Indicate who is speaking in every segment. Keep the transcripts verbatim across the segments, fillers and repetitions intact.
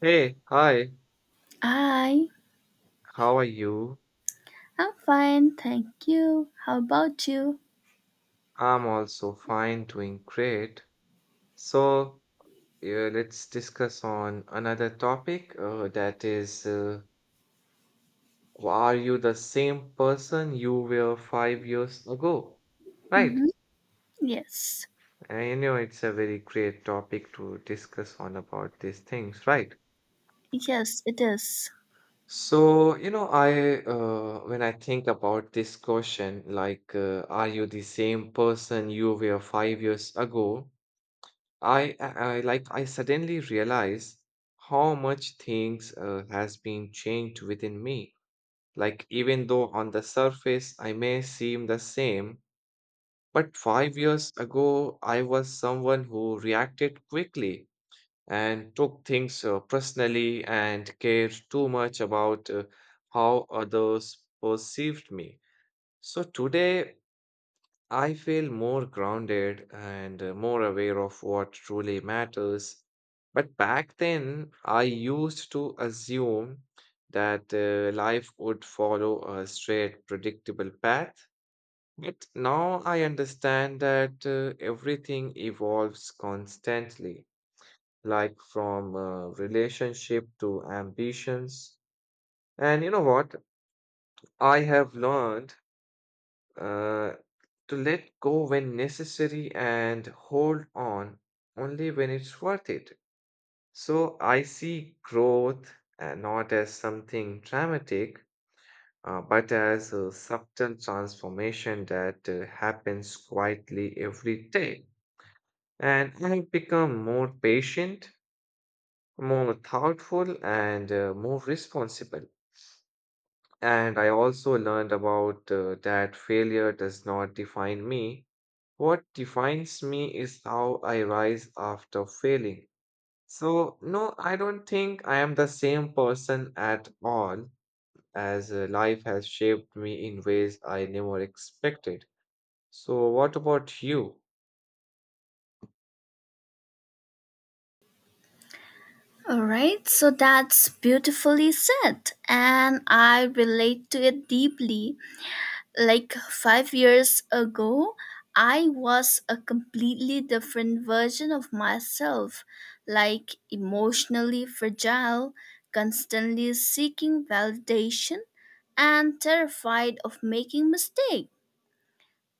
Speaker 1: Hey, hi,
Speaker 2: Hi,
Speaker 1: how are you?
Speaker 2: I'm fine, thank you. How about you?
Speaker 1: I'm also fine, doing great. So, yeah, let's discuss on another topic, uh, that is, uh, are you the same person you were five years ago? Right.
Speaker 2: Mm-hmm. Yes,
Speaker 1: And you know, it's a very great topic to discuss on about these things, right?
Speaker 2: yes, it is.
Speaker 1: So, you know, I uh, when I think about this question, like, uh, are you the same person you were five years ago? I, I I- like I suddenly realize how much things uh, has been changed within me. Like even though on the surface I may seem the same, but five years ago I was someone who reacted quickly and took things uh, personally and cared too much about uh, how others perceived me. So today I feel more grounded and uh, more aware of what truly matters. But back then, I used to assume that uh, life would follow a straight, predictable path. But now I understand that uh, everything evolves constantly, like from uh, relationship to ambitions. And you know what? I have learned uh, to let go when necessary and hold on only when it's worth it. So I see growth uh, not as something dramatic, uh, but as a subtle transformation that uh, happens quietly every day. And I have become more patient, more thoughtful, and uh, more responsible. And I also learned about uh, that failure does not define me. What defines me is how I rise after failing. So, no, I don't think I am the same person at all, as uh, life has shaped me in ways I never expected. So, what about you?
Speaker 2: All right, so that's beautifully said, and I relate to it deeply. Like five years ago, I was a completely different version of myself, like emotionally fragile, constantly seeking validation, and terrified of making mistakes.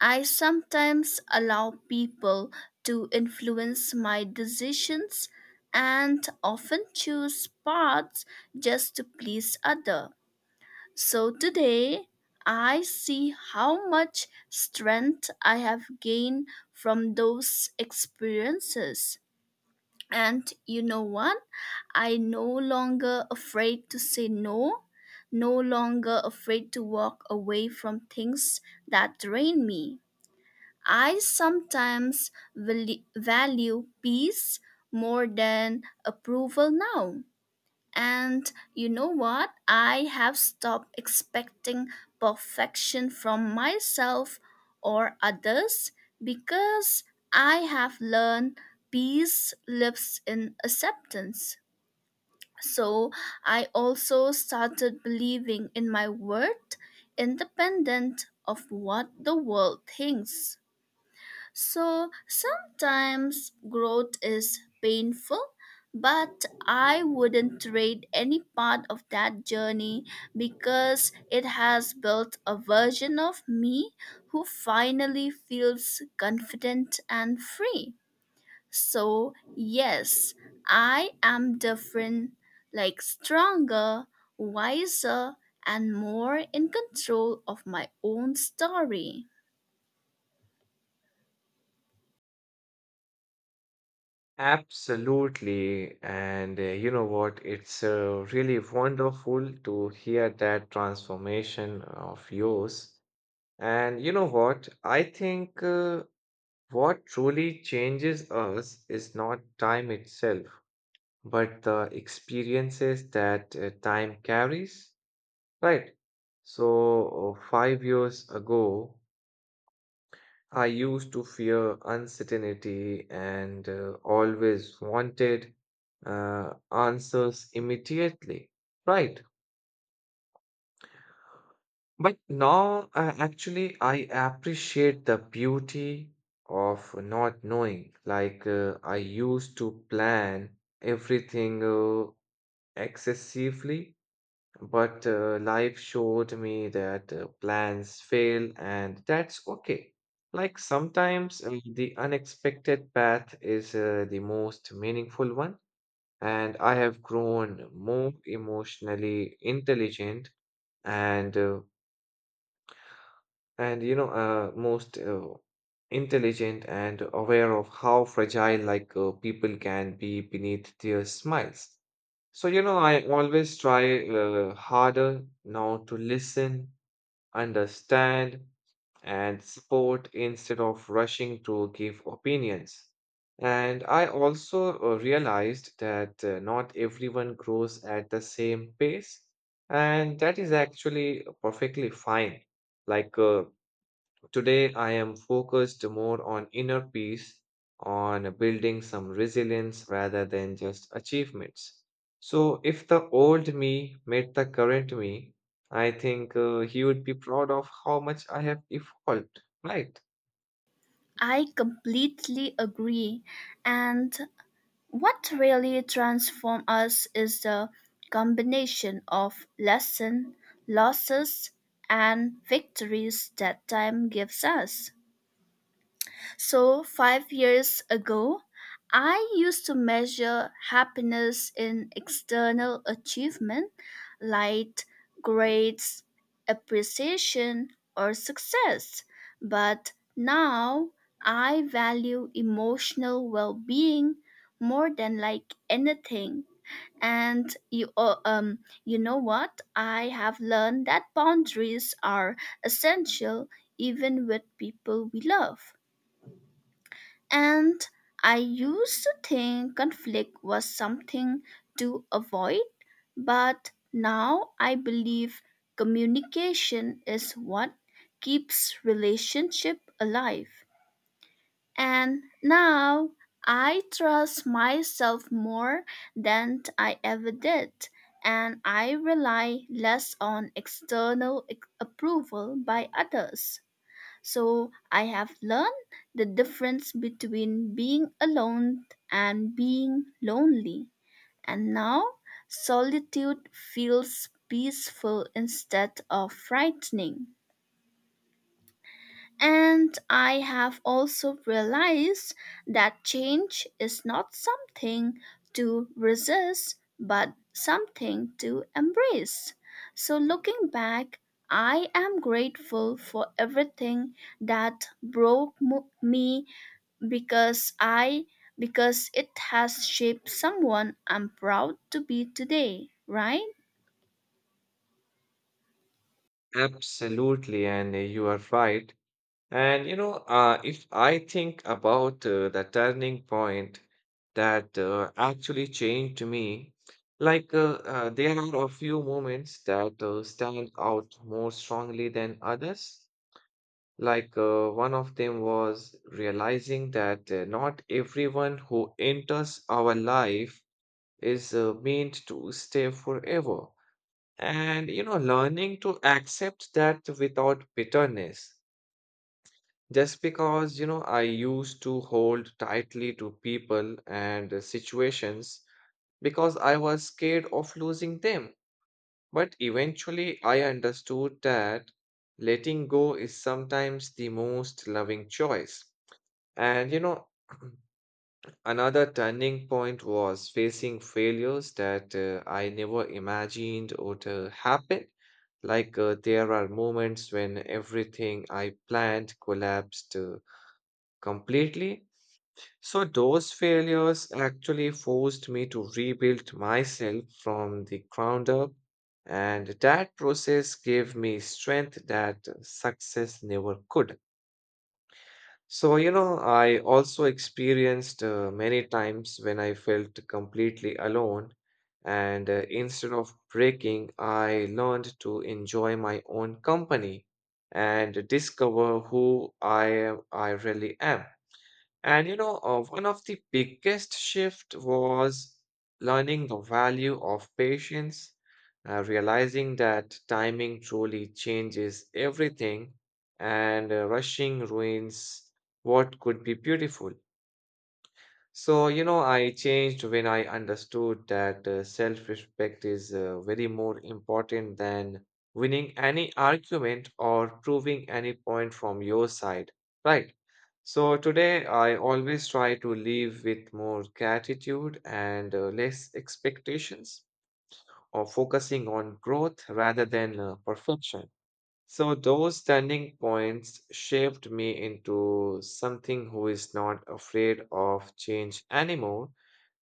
Speaker 2: I sometimes allow people to influence my decisions and often choose paths just to please others. So today, I see how much strength I have gained from those experiences. And you know what? I no longer afraid to say no, no longer afraid to walk away from things that drain me. I sometimes val- value peace more than approval now. And you know what? I have stopped expecting perfection from myself or others because I have learned peace lives in acceptance. So I also started believing in my worth, independent of what the world thinks. So sometimes growth is painful, but I wouldn't trade any part of that journey because it has built a version of me who finally feels confident and free. So, yes, I am different, like stronger, wiser, and more in control of my own story.
Speaker 1: Absolutely. And uh, you know what? It's uh, really wonderful to hear that transformation of yours. And you know what? I think uh, what truly changes us is not time itself, but the experiences that uh, time carries, right? So, uh, five years ago, I used to fear uncertainty and uh, always wanted uh, answers immediately, right? But now, uh, actually, I appreciate the beauty of not knowing. Like, uh, I used to plan everything uh, excessively, but uh, life showed me that uh, plans fail, and that's okay. Like, sometimes uh, the unexpected path is uh, the most meaningful one, and I have grown more emotionally intelligent and uh, and you know uh, most uh, intelligent and aware of how fragile, like, uh, people can be beneath their smiles. So you know I always try uh, harder now to listen, understand, and support instead of rushing to give opinions. And I also uh, realized that uh, not everyone grows at the same pace, and that is actually perfectly fine. Like uh, today, I am focused more on inner peace, on building some resilience rather than just achievements. So, if the old me met the current me, I think uh, he would be proud of how much I have evolved, right?
Speaker 2: I completely agree. And what really transforms us is the combination of lesson, losses, and victories that time gives us. So, five years ago, I used to measure happiness in external achievement like grades, appreciation, or success. But now I value emotional well being more than like anything. And you, uh, um, you know what? I have learned that boundaries are essential even with people we love. And I used to think conflict was something to avoid, but now I believe communication is what keeps relationship alive. And now I trust myself more than I ever did, and I rely less on external ec- approval by others. So I have learned the difference between being alone and being lonely. And now solitude feels peaceful instead of frightening. And I have also realized that change is not something to resist, but something to embrace. So, looking back, I am grateful for everything that broke mo- me because I because it has shaped someone I'm proud to be today, right?
Speaker 1: Absolutely, and uh, you are right. And you know, uh, if I think about uh, the turning point that uh, actually changed me, like, uh, uh, there are a few moments that uh, stand out more strongly than others. Like, uh, one of them was realizing that uh, not everyone who enters our life is uh, meant to stay forever. And you know, learning to accept that without bitterness just because, you know, I used to hold tightly to people and uh, situations because I was scared of losing them. But eventually, I understood that letting go is sometimes the most loving choice. And, you know, another turning point was facing failures that uh, I never imagined would uh, happen. Like, uh, there are moments when everything I planned collapsed uh, completely. So those failures actually forced me to rebuild myself from the ground up, and that process gave me strength that success never could. So, you know, I also experienced uh, many times when I felt completely alone, and uh, instead of breaking, I learned to enjoy my own company and discover who I am, I really am. And you know, uh, one of the biggest shift was learning the value of patience, uh, realizing that timing truly changes everything, and uh, rushing ruins what could be beautiful. So, you know, I changed when I understood that uh, self-respect is uh, very more important than winning any argument or proving any point from your side, right? So today I always try to live with more gratitude and uh, less expectations or focusing on growth rather than uh, perfection. So those standing points shaped me into something who is not afraid of change anymore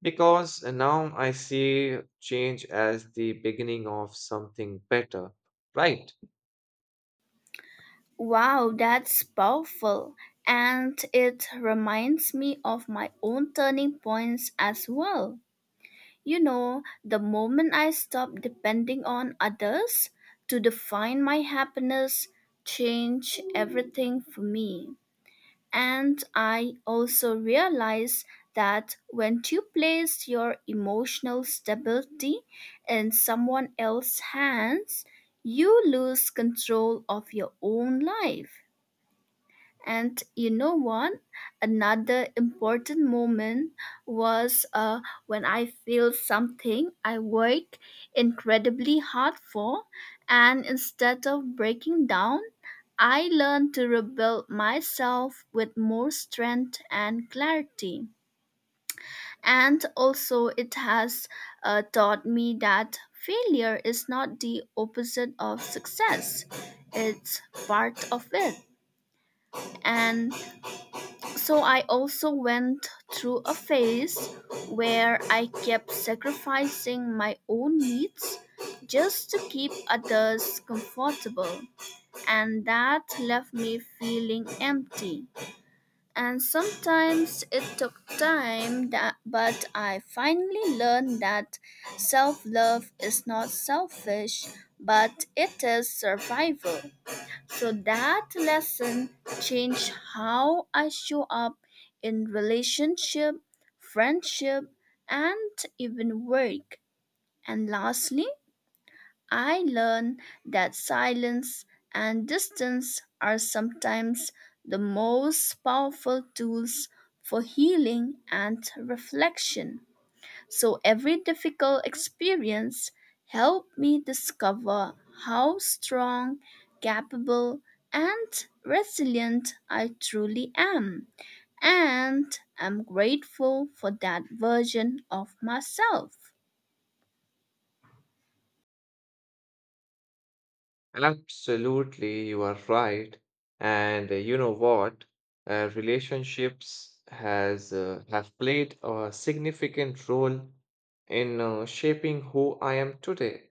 Speaker 1: because now I see change as the beginning of something better. Right.
Speaker 2: Wow, that's powerful. And it reminds me of my own turning points as well. You know, the moment I stopped depending on others to define my happiness, changed everything for me. And I also realized that when you place your emotional stability in someone else's hands, you lose control of your own life. And you know what? Another important moment was uh, when I feel something I work incredibly hard for, and instead of breaking down, I learned to rebuild myself with more strength and clarity. And also, it has uh, taught me that failure is not the opposite of success, it's part of it. And so I also went through a phase where I kept sacrificing my own needs just to keep others comfortable, and that left me feeling empty. And sometimes it took time, that, but I finally learned that self love is not selfish, but it is survival. So that lesson changed how I show up in relationship, friendship, and even work. And lastly, I learned that silence and distance are sometimes the most powerful tools for healing and reflection. So every difficult experience helped me discover how strong, capable, and resilient I truly am. And I'm grateful for that version of myself.
Speaker 1: Absolutely, you are right. And uh, you know what? Uh, relationships has uh, have played a significant role in uh, shaping who I am today.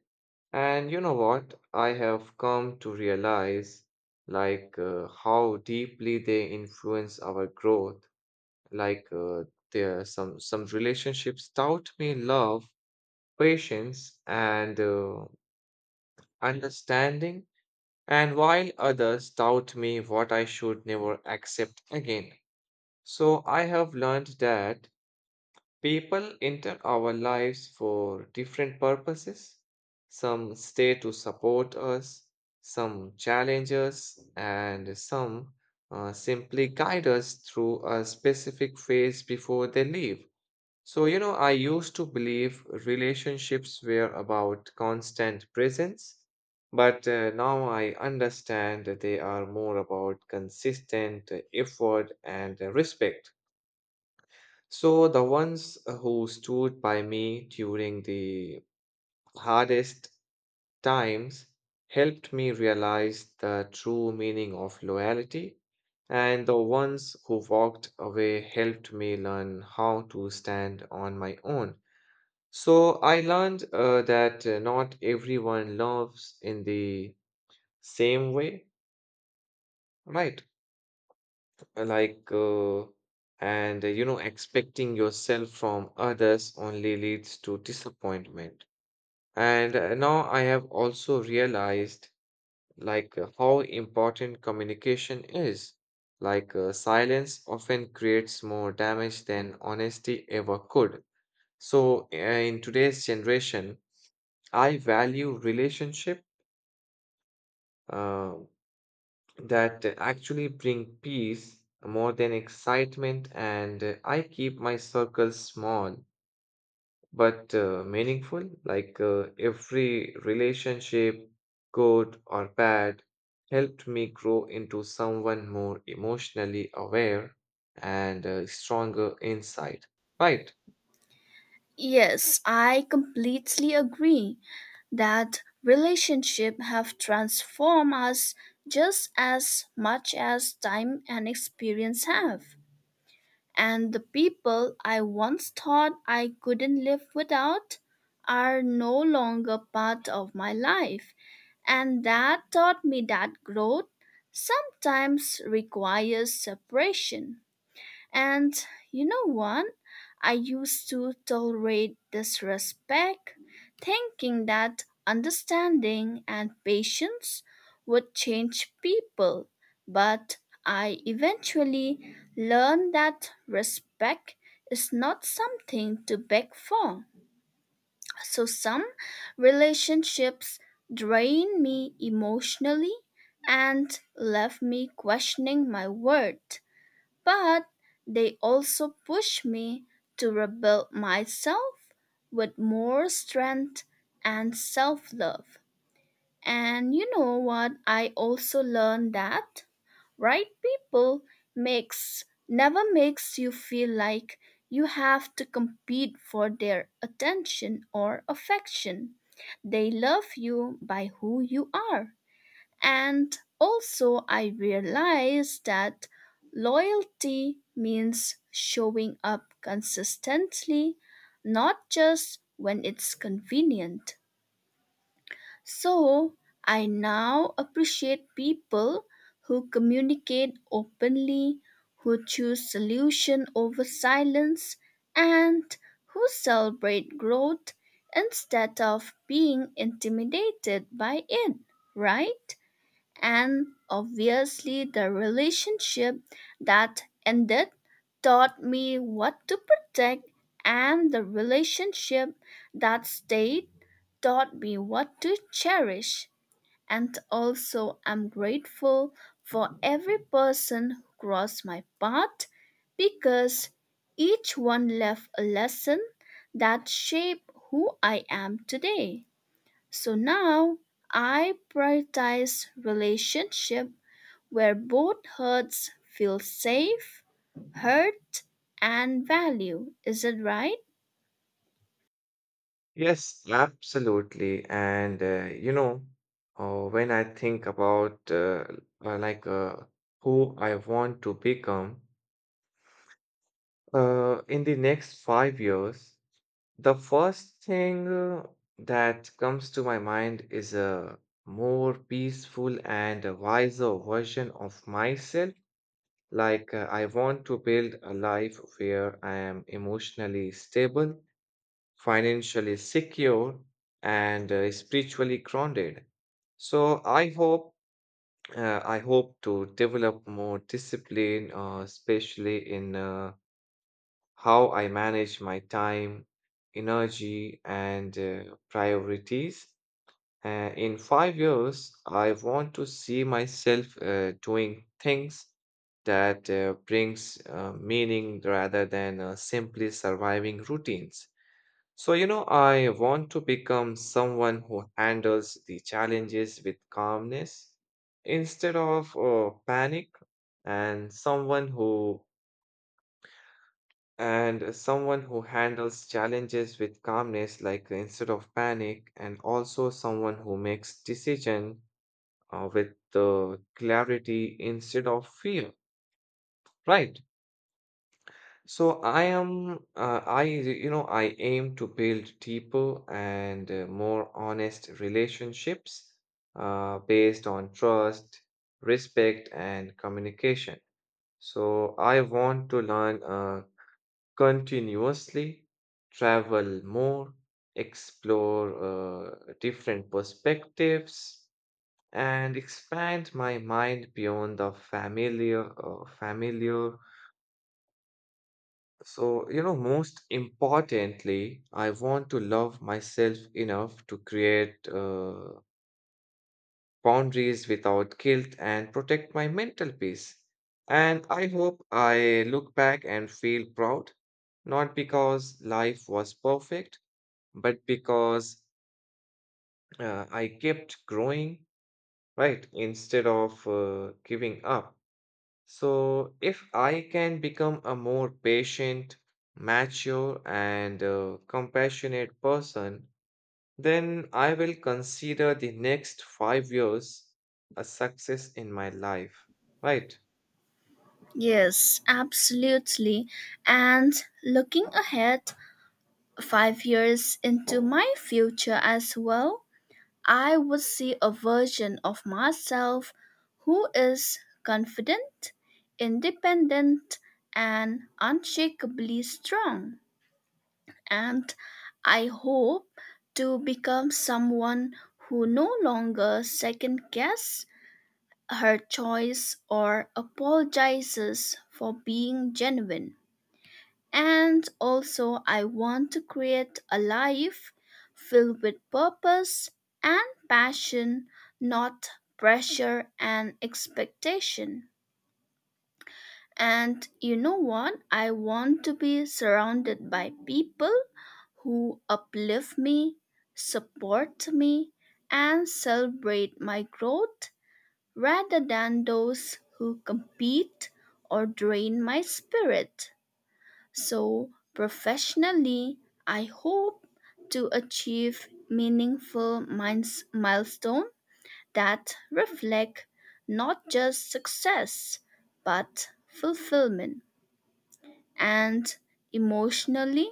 Speaker 1: And you know what? I have come to realize, like, uh, how deeply they influence our growth. Like, uh, there are some some relationships taught me love, patience, and uh, understanding, and while others taught me what I should never accept again. So I have learned that people enter our lives for different purposes. Some stay to support us, some challenge us, and some uh, simply guide us through a specific phase before they leave. So, you know, I used to believe relationships were about constant presence, but uh, now I understand that they are more about consistent uh, effort and uh, respect. So the ones uh, who stood by me during the hardest times helped me realize the true meaning of loyalty, and the ones who walked away helped me learn how to stand on my own. So I learned uh, that uh, not everyone loves in the same way, right? uh, like uh, and uh, you know expecting yourself from others only leads to disappointment. And uh, now I have also realized, like, uh, how important communication is. Like uh, silence often creates more damage than honesty ever could. So uh, in today's generation, I value relationship uh, that actually bring peace more than excitement. And uh, I keep my circle small, but uh, meaningful. Like, uh, every relationship, good or bad, helped me grow into someone more emotionally aware and uh, stronger inside, right?
Speaker 2: Yes, I completely agree that relationship have transformed us just as much as time and experience have. And the people I once thought I couldn't live without are no longer part of my life. And that taught me that growth sometimes requires separation. And you know what? I used to tolerate disrespect, thinking that understanding and patience would change people. But I eventually learned that respect is not something to beg for. So some relationships drain me emotionally and left me questioning my worth, but they also push me to rebuild myself with more strength and self love. And you know what? I also learned that right people makes never makes you feel like you have to compete for their attention or affection. They love you by who you are. And also, I realized that loyalty means showing up consistently, not just when it's convenient. So, I now appreciate people who communicate openly, who choose solution over silence, and who celebrate growth instead of being intimidated by it, right? And obviously, the relationship that ended taught me what to protect, and the relationship that stayed taught me what to cherish. And also, I'm grateful for every person who crossed my path because each one left a lesson that shaped who I am today. So now I prioritize relationship where both hearts feel safe, hurt, and valued. Is it right?
Speaker 1: Yes, absolutely. And uh, you know uh, when I think about, uh, uh, like, uh, who I want to become Uh, in the next five years, the first thing uh, that comes to my mind is a more peaceful and a wiser version of myself. Like, uh, I want to build a life where I am emotionally stable, financially secure, and uh, spiritually grounded. So I hope uh, I hope to develop more discipline, uh, especially in uh, how I manage my time, energy, and uh, priorities. Uh, in five years, I want to see myself uh, doing things that uh, brings uh, meaning rather than uh, simply surviving routines. So, you know, I want to become someone who handles the challenges with calmness instead of uh, panic, and someone who and someone who handles challenges with calmness, like, instead of panic, and also someone who makes decision uh, with the clarity instead of fear, right? So I am uh, I you know I aim to build deeper and uh, more honest relationships uh, based on trust, respect, and communication. So I want to learn uh, continuously, travel more, explore uh, different perspectives, and expand my mind beyond the familiar. Uh, familiar. So, you know, most importantly, I want to love myself enough to create uh, boundaries without guilt and protect my mental peace. And I hope I look back and feel proud, not because life was perfect, but because uh, I kept growing, right, instead of uh, giving up. So, if I can become a more patient, mature, and uh, compassionate person, then I will consider the next five years a success in my life, right?
Speaker 2: Yes, absolutely. And looking ahead, five years into my future as well, I would see a version of myself who is confident, independent, and unshakably strong. And I hope to become someone who no longer second guess her choice or apologizes for being genuine. And also, I want to create a life filled with purpose and passion, not pressure and expectation. And you know what? I want to be surrounded by people who uplift me, support me, and celebrate my growth rather than those who compete or drain my spirit. So, professionally, I hope to achieve meaningful miles- milestones that reflect not just success but fulfillment. And emotionally,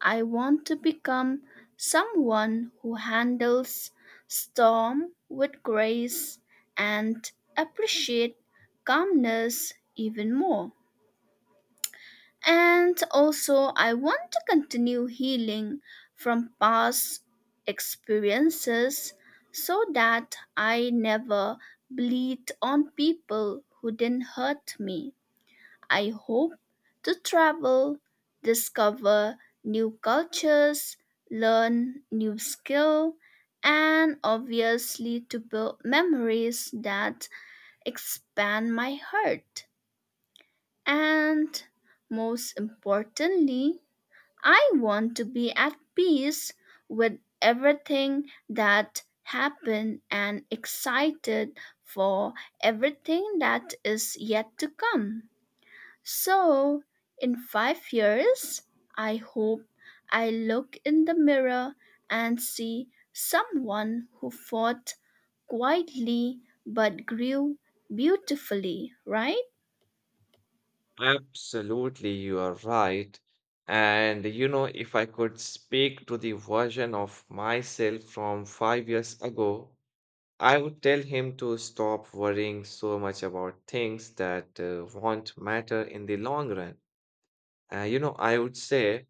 Speaker 2: I want to become someone who handles storm with grace and appreciate calmness even more. And also, I want to continue healing from past experiences so that I never bleed on people who didn't hurt me. I hope to travel, discover new cultures, learn new skill, and obviously to build memories that expand my heart. And most importantly, I want to be at peace with everything that happened and excited for everything that is yet to come. So, in five years, I hope I look in the mirror and see someone who fought quietly but grew beautifully, right?
Speaker 1: Absolutely, you are right. And you know, if I could speak to the version of myself from five years ago, I would tell him to stop worrying so much about things that uh, won't matter in the long run. Uh, you know, I would say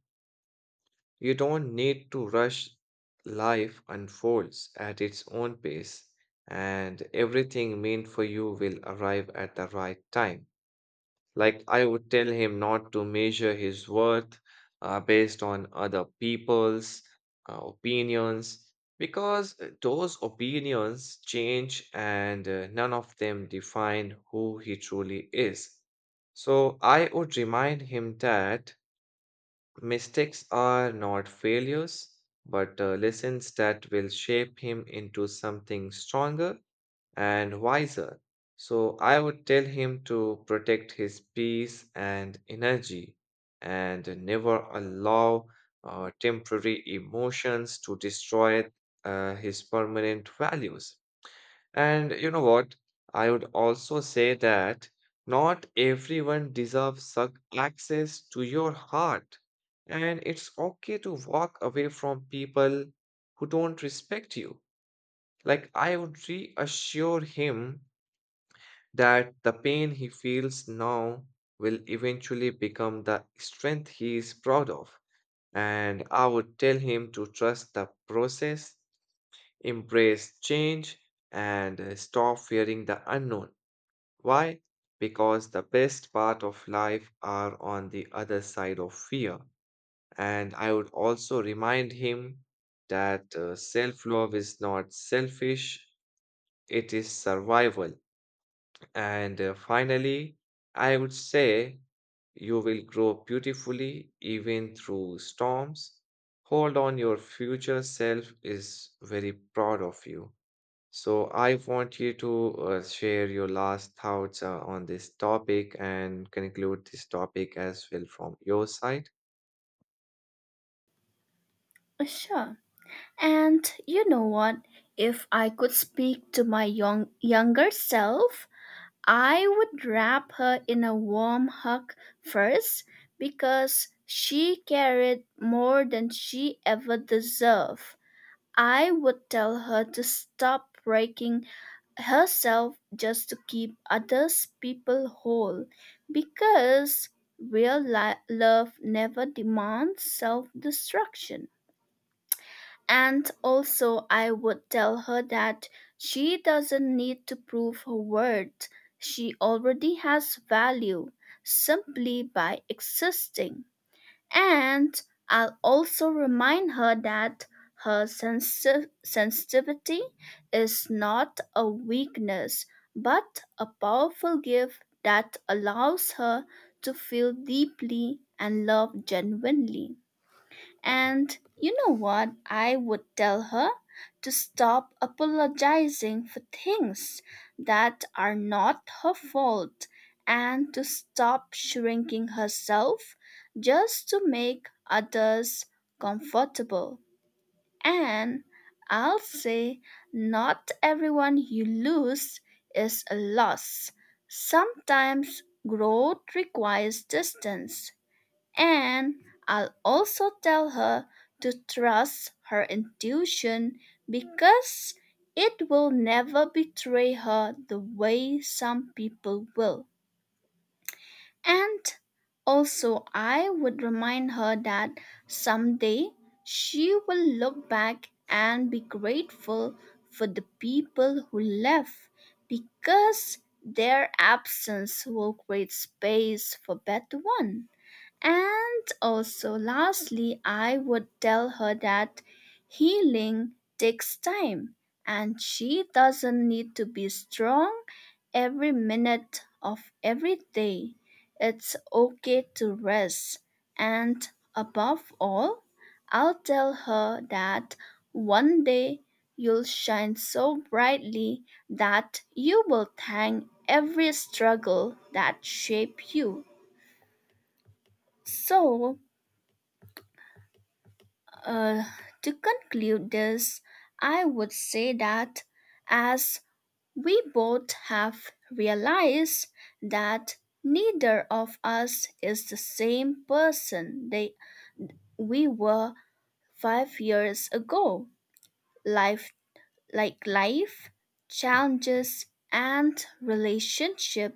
Speaker 1: you don't need to rush. Life unfolds at its own pace, and everything meant for you will arrive at the right time. Like, I would tell him not to measure his worth uh, based on other people's uh, opinions because uh, those opinions change and uh, none of them define who he truly is. So, I would remind him that mistakes are not failures, but uh, lessons that will shape him into something stronger and wiser. So I would tell him to protect his peace and energy and never allow uh, temporary emotions to destroy uh, his permanent values. And you know what? I would also say that not everyone deserves suc- access to your heart. And it's okay to walk away from people who don't respect you. Like, I would reassure him that the pain he feels now will eventually become the strength he is proud of. And I would tell him to trust the process, embrace change, and uh, stop fearing the unknown. Why? Because the best part of life are on the other side of fear. And I would also remind him that self love is not selfish, it is survival. And uh, finally, I would say you will grow beautifully even through storms. Hold on, your future self is very proud of you. So, I want you to uh, share your last thoughts uh, on this topic and conclude this topic as well from your side.
Speaker 2: Sure. And you know what? If I could speak to my young, younger self, I would wrap her in a warm hug first because she carried more than she ever deserved. I would tell her to stop breaking herself just to keep others people whole because real li- love never demands self-destruction. And also, I would tell her that she doesn't need to prove her worth. She already has value simply by existing. And I'll also remind her that her sensi- sensitivity is not a weakness, but a powerful gift that allows her to feel deeply and love genuinely. And you know what? I would tell her to stop apologizing for things that are not her fault and to stop shrinking herself just to make others comfortable. And I'll say, not everyone you lose is a loss. Sometimes growth requires distance. And I'll also tell her to trust her intuition because it will never betray her the way some people will. And also, I would remind her that someday she will look back and be grateful for the people who left because their absence will create space for better one. And also, lastly, I would tell her that healing takes time and she doesn't need to be strong every minute of every day. It's okay to rest. And above all, I'll tell her that one day you'll shine so brightly that you will thank every struggle that shaped you. So, Uh, to conclude this, I would say that as we both have realized that neither of us is the same person they, we were five years ago. Life, like life, challenges, and relationship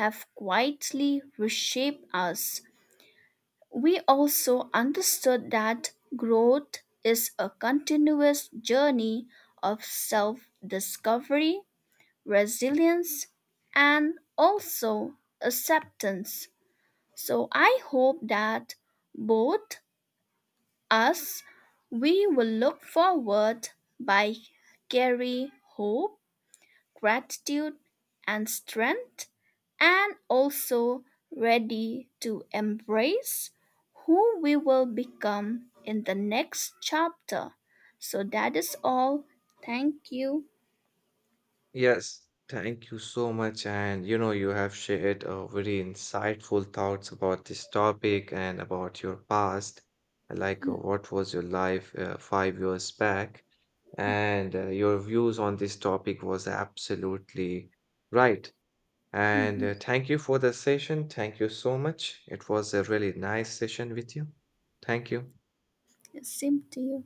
Speaker 2: have quietly reshaped us. We also understood that growth is a continuous journey of self discovery, resilience, and also acceptance. So I hope that both us we will look forward by Carrie Hope gratitude and strength and also ready to embrace who we will become in the next chapter. So that is all. Thank you.
Speaker 1: Yes, thank you so much. And you know, you have shared uh, very insightful thoughts about this topic and about your past, like uh, what was your life uh, five years back. And uh, your views on this topic was absolutely right. And uh, thank you for the session. Thank you so much. It was a really nice session with you. Thank you.
Speaker 2: Same to you.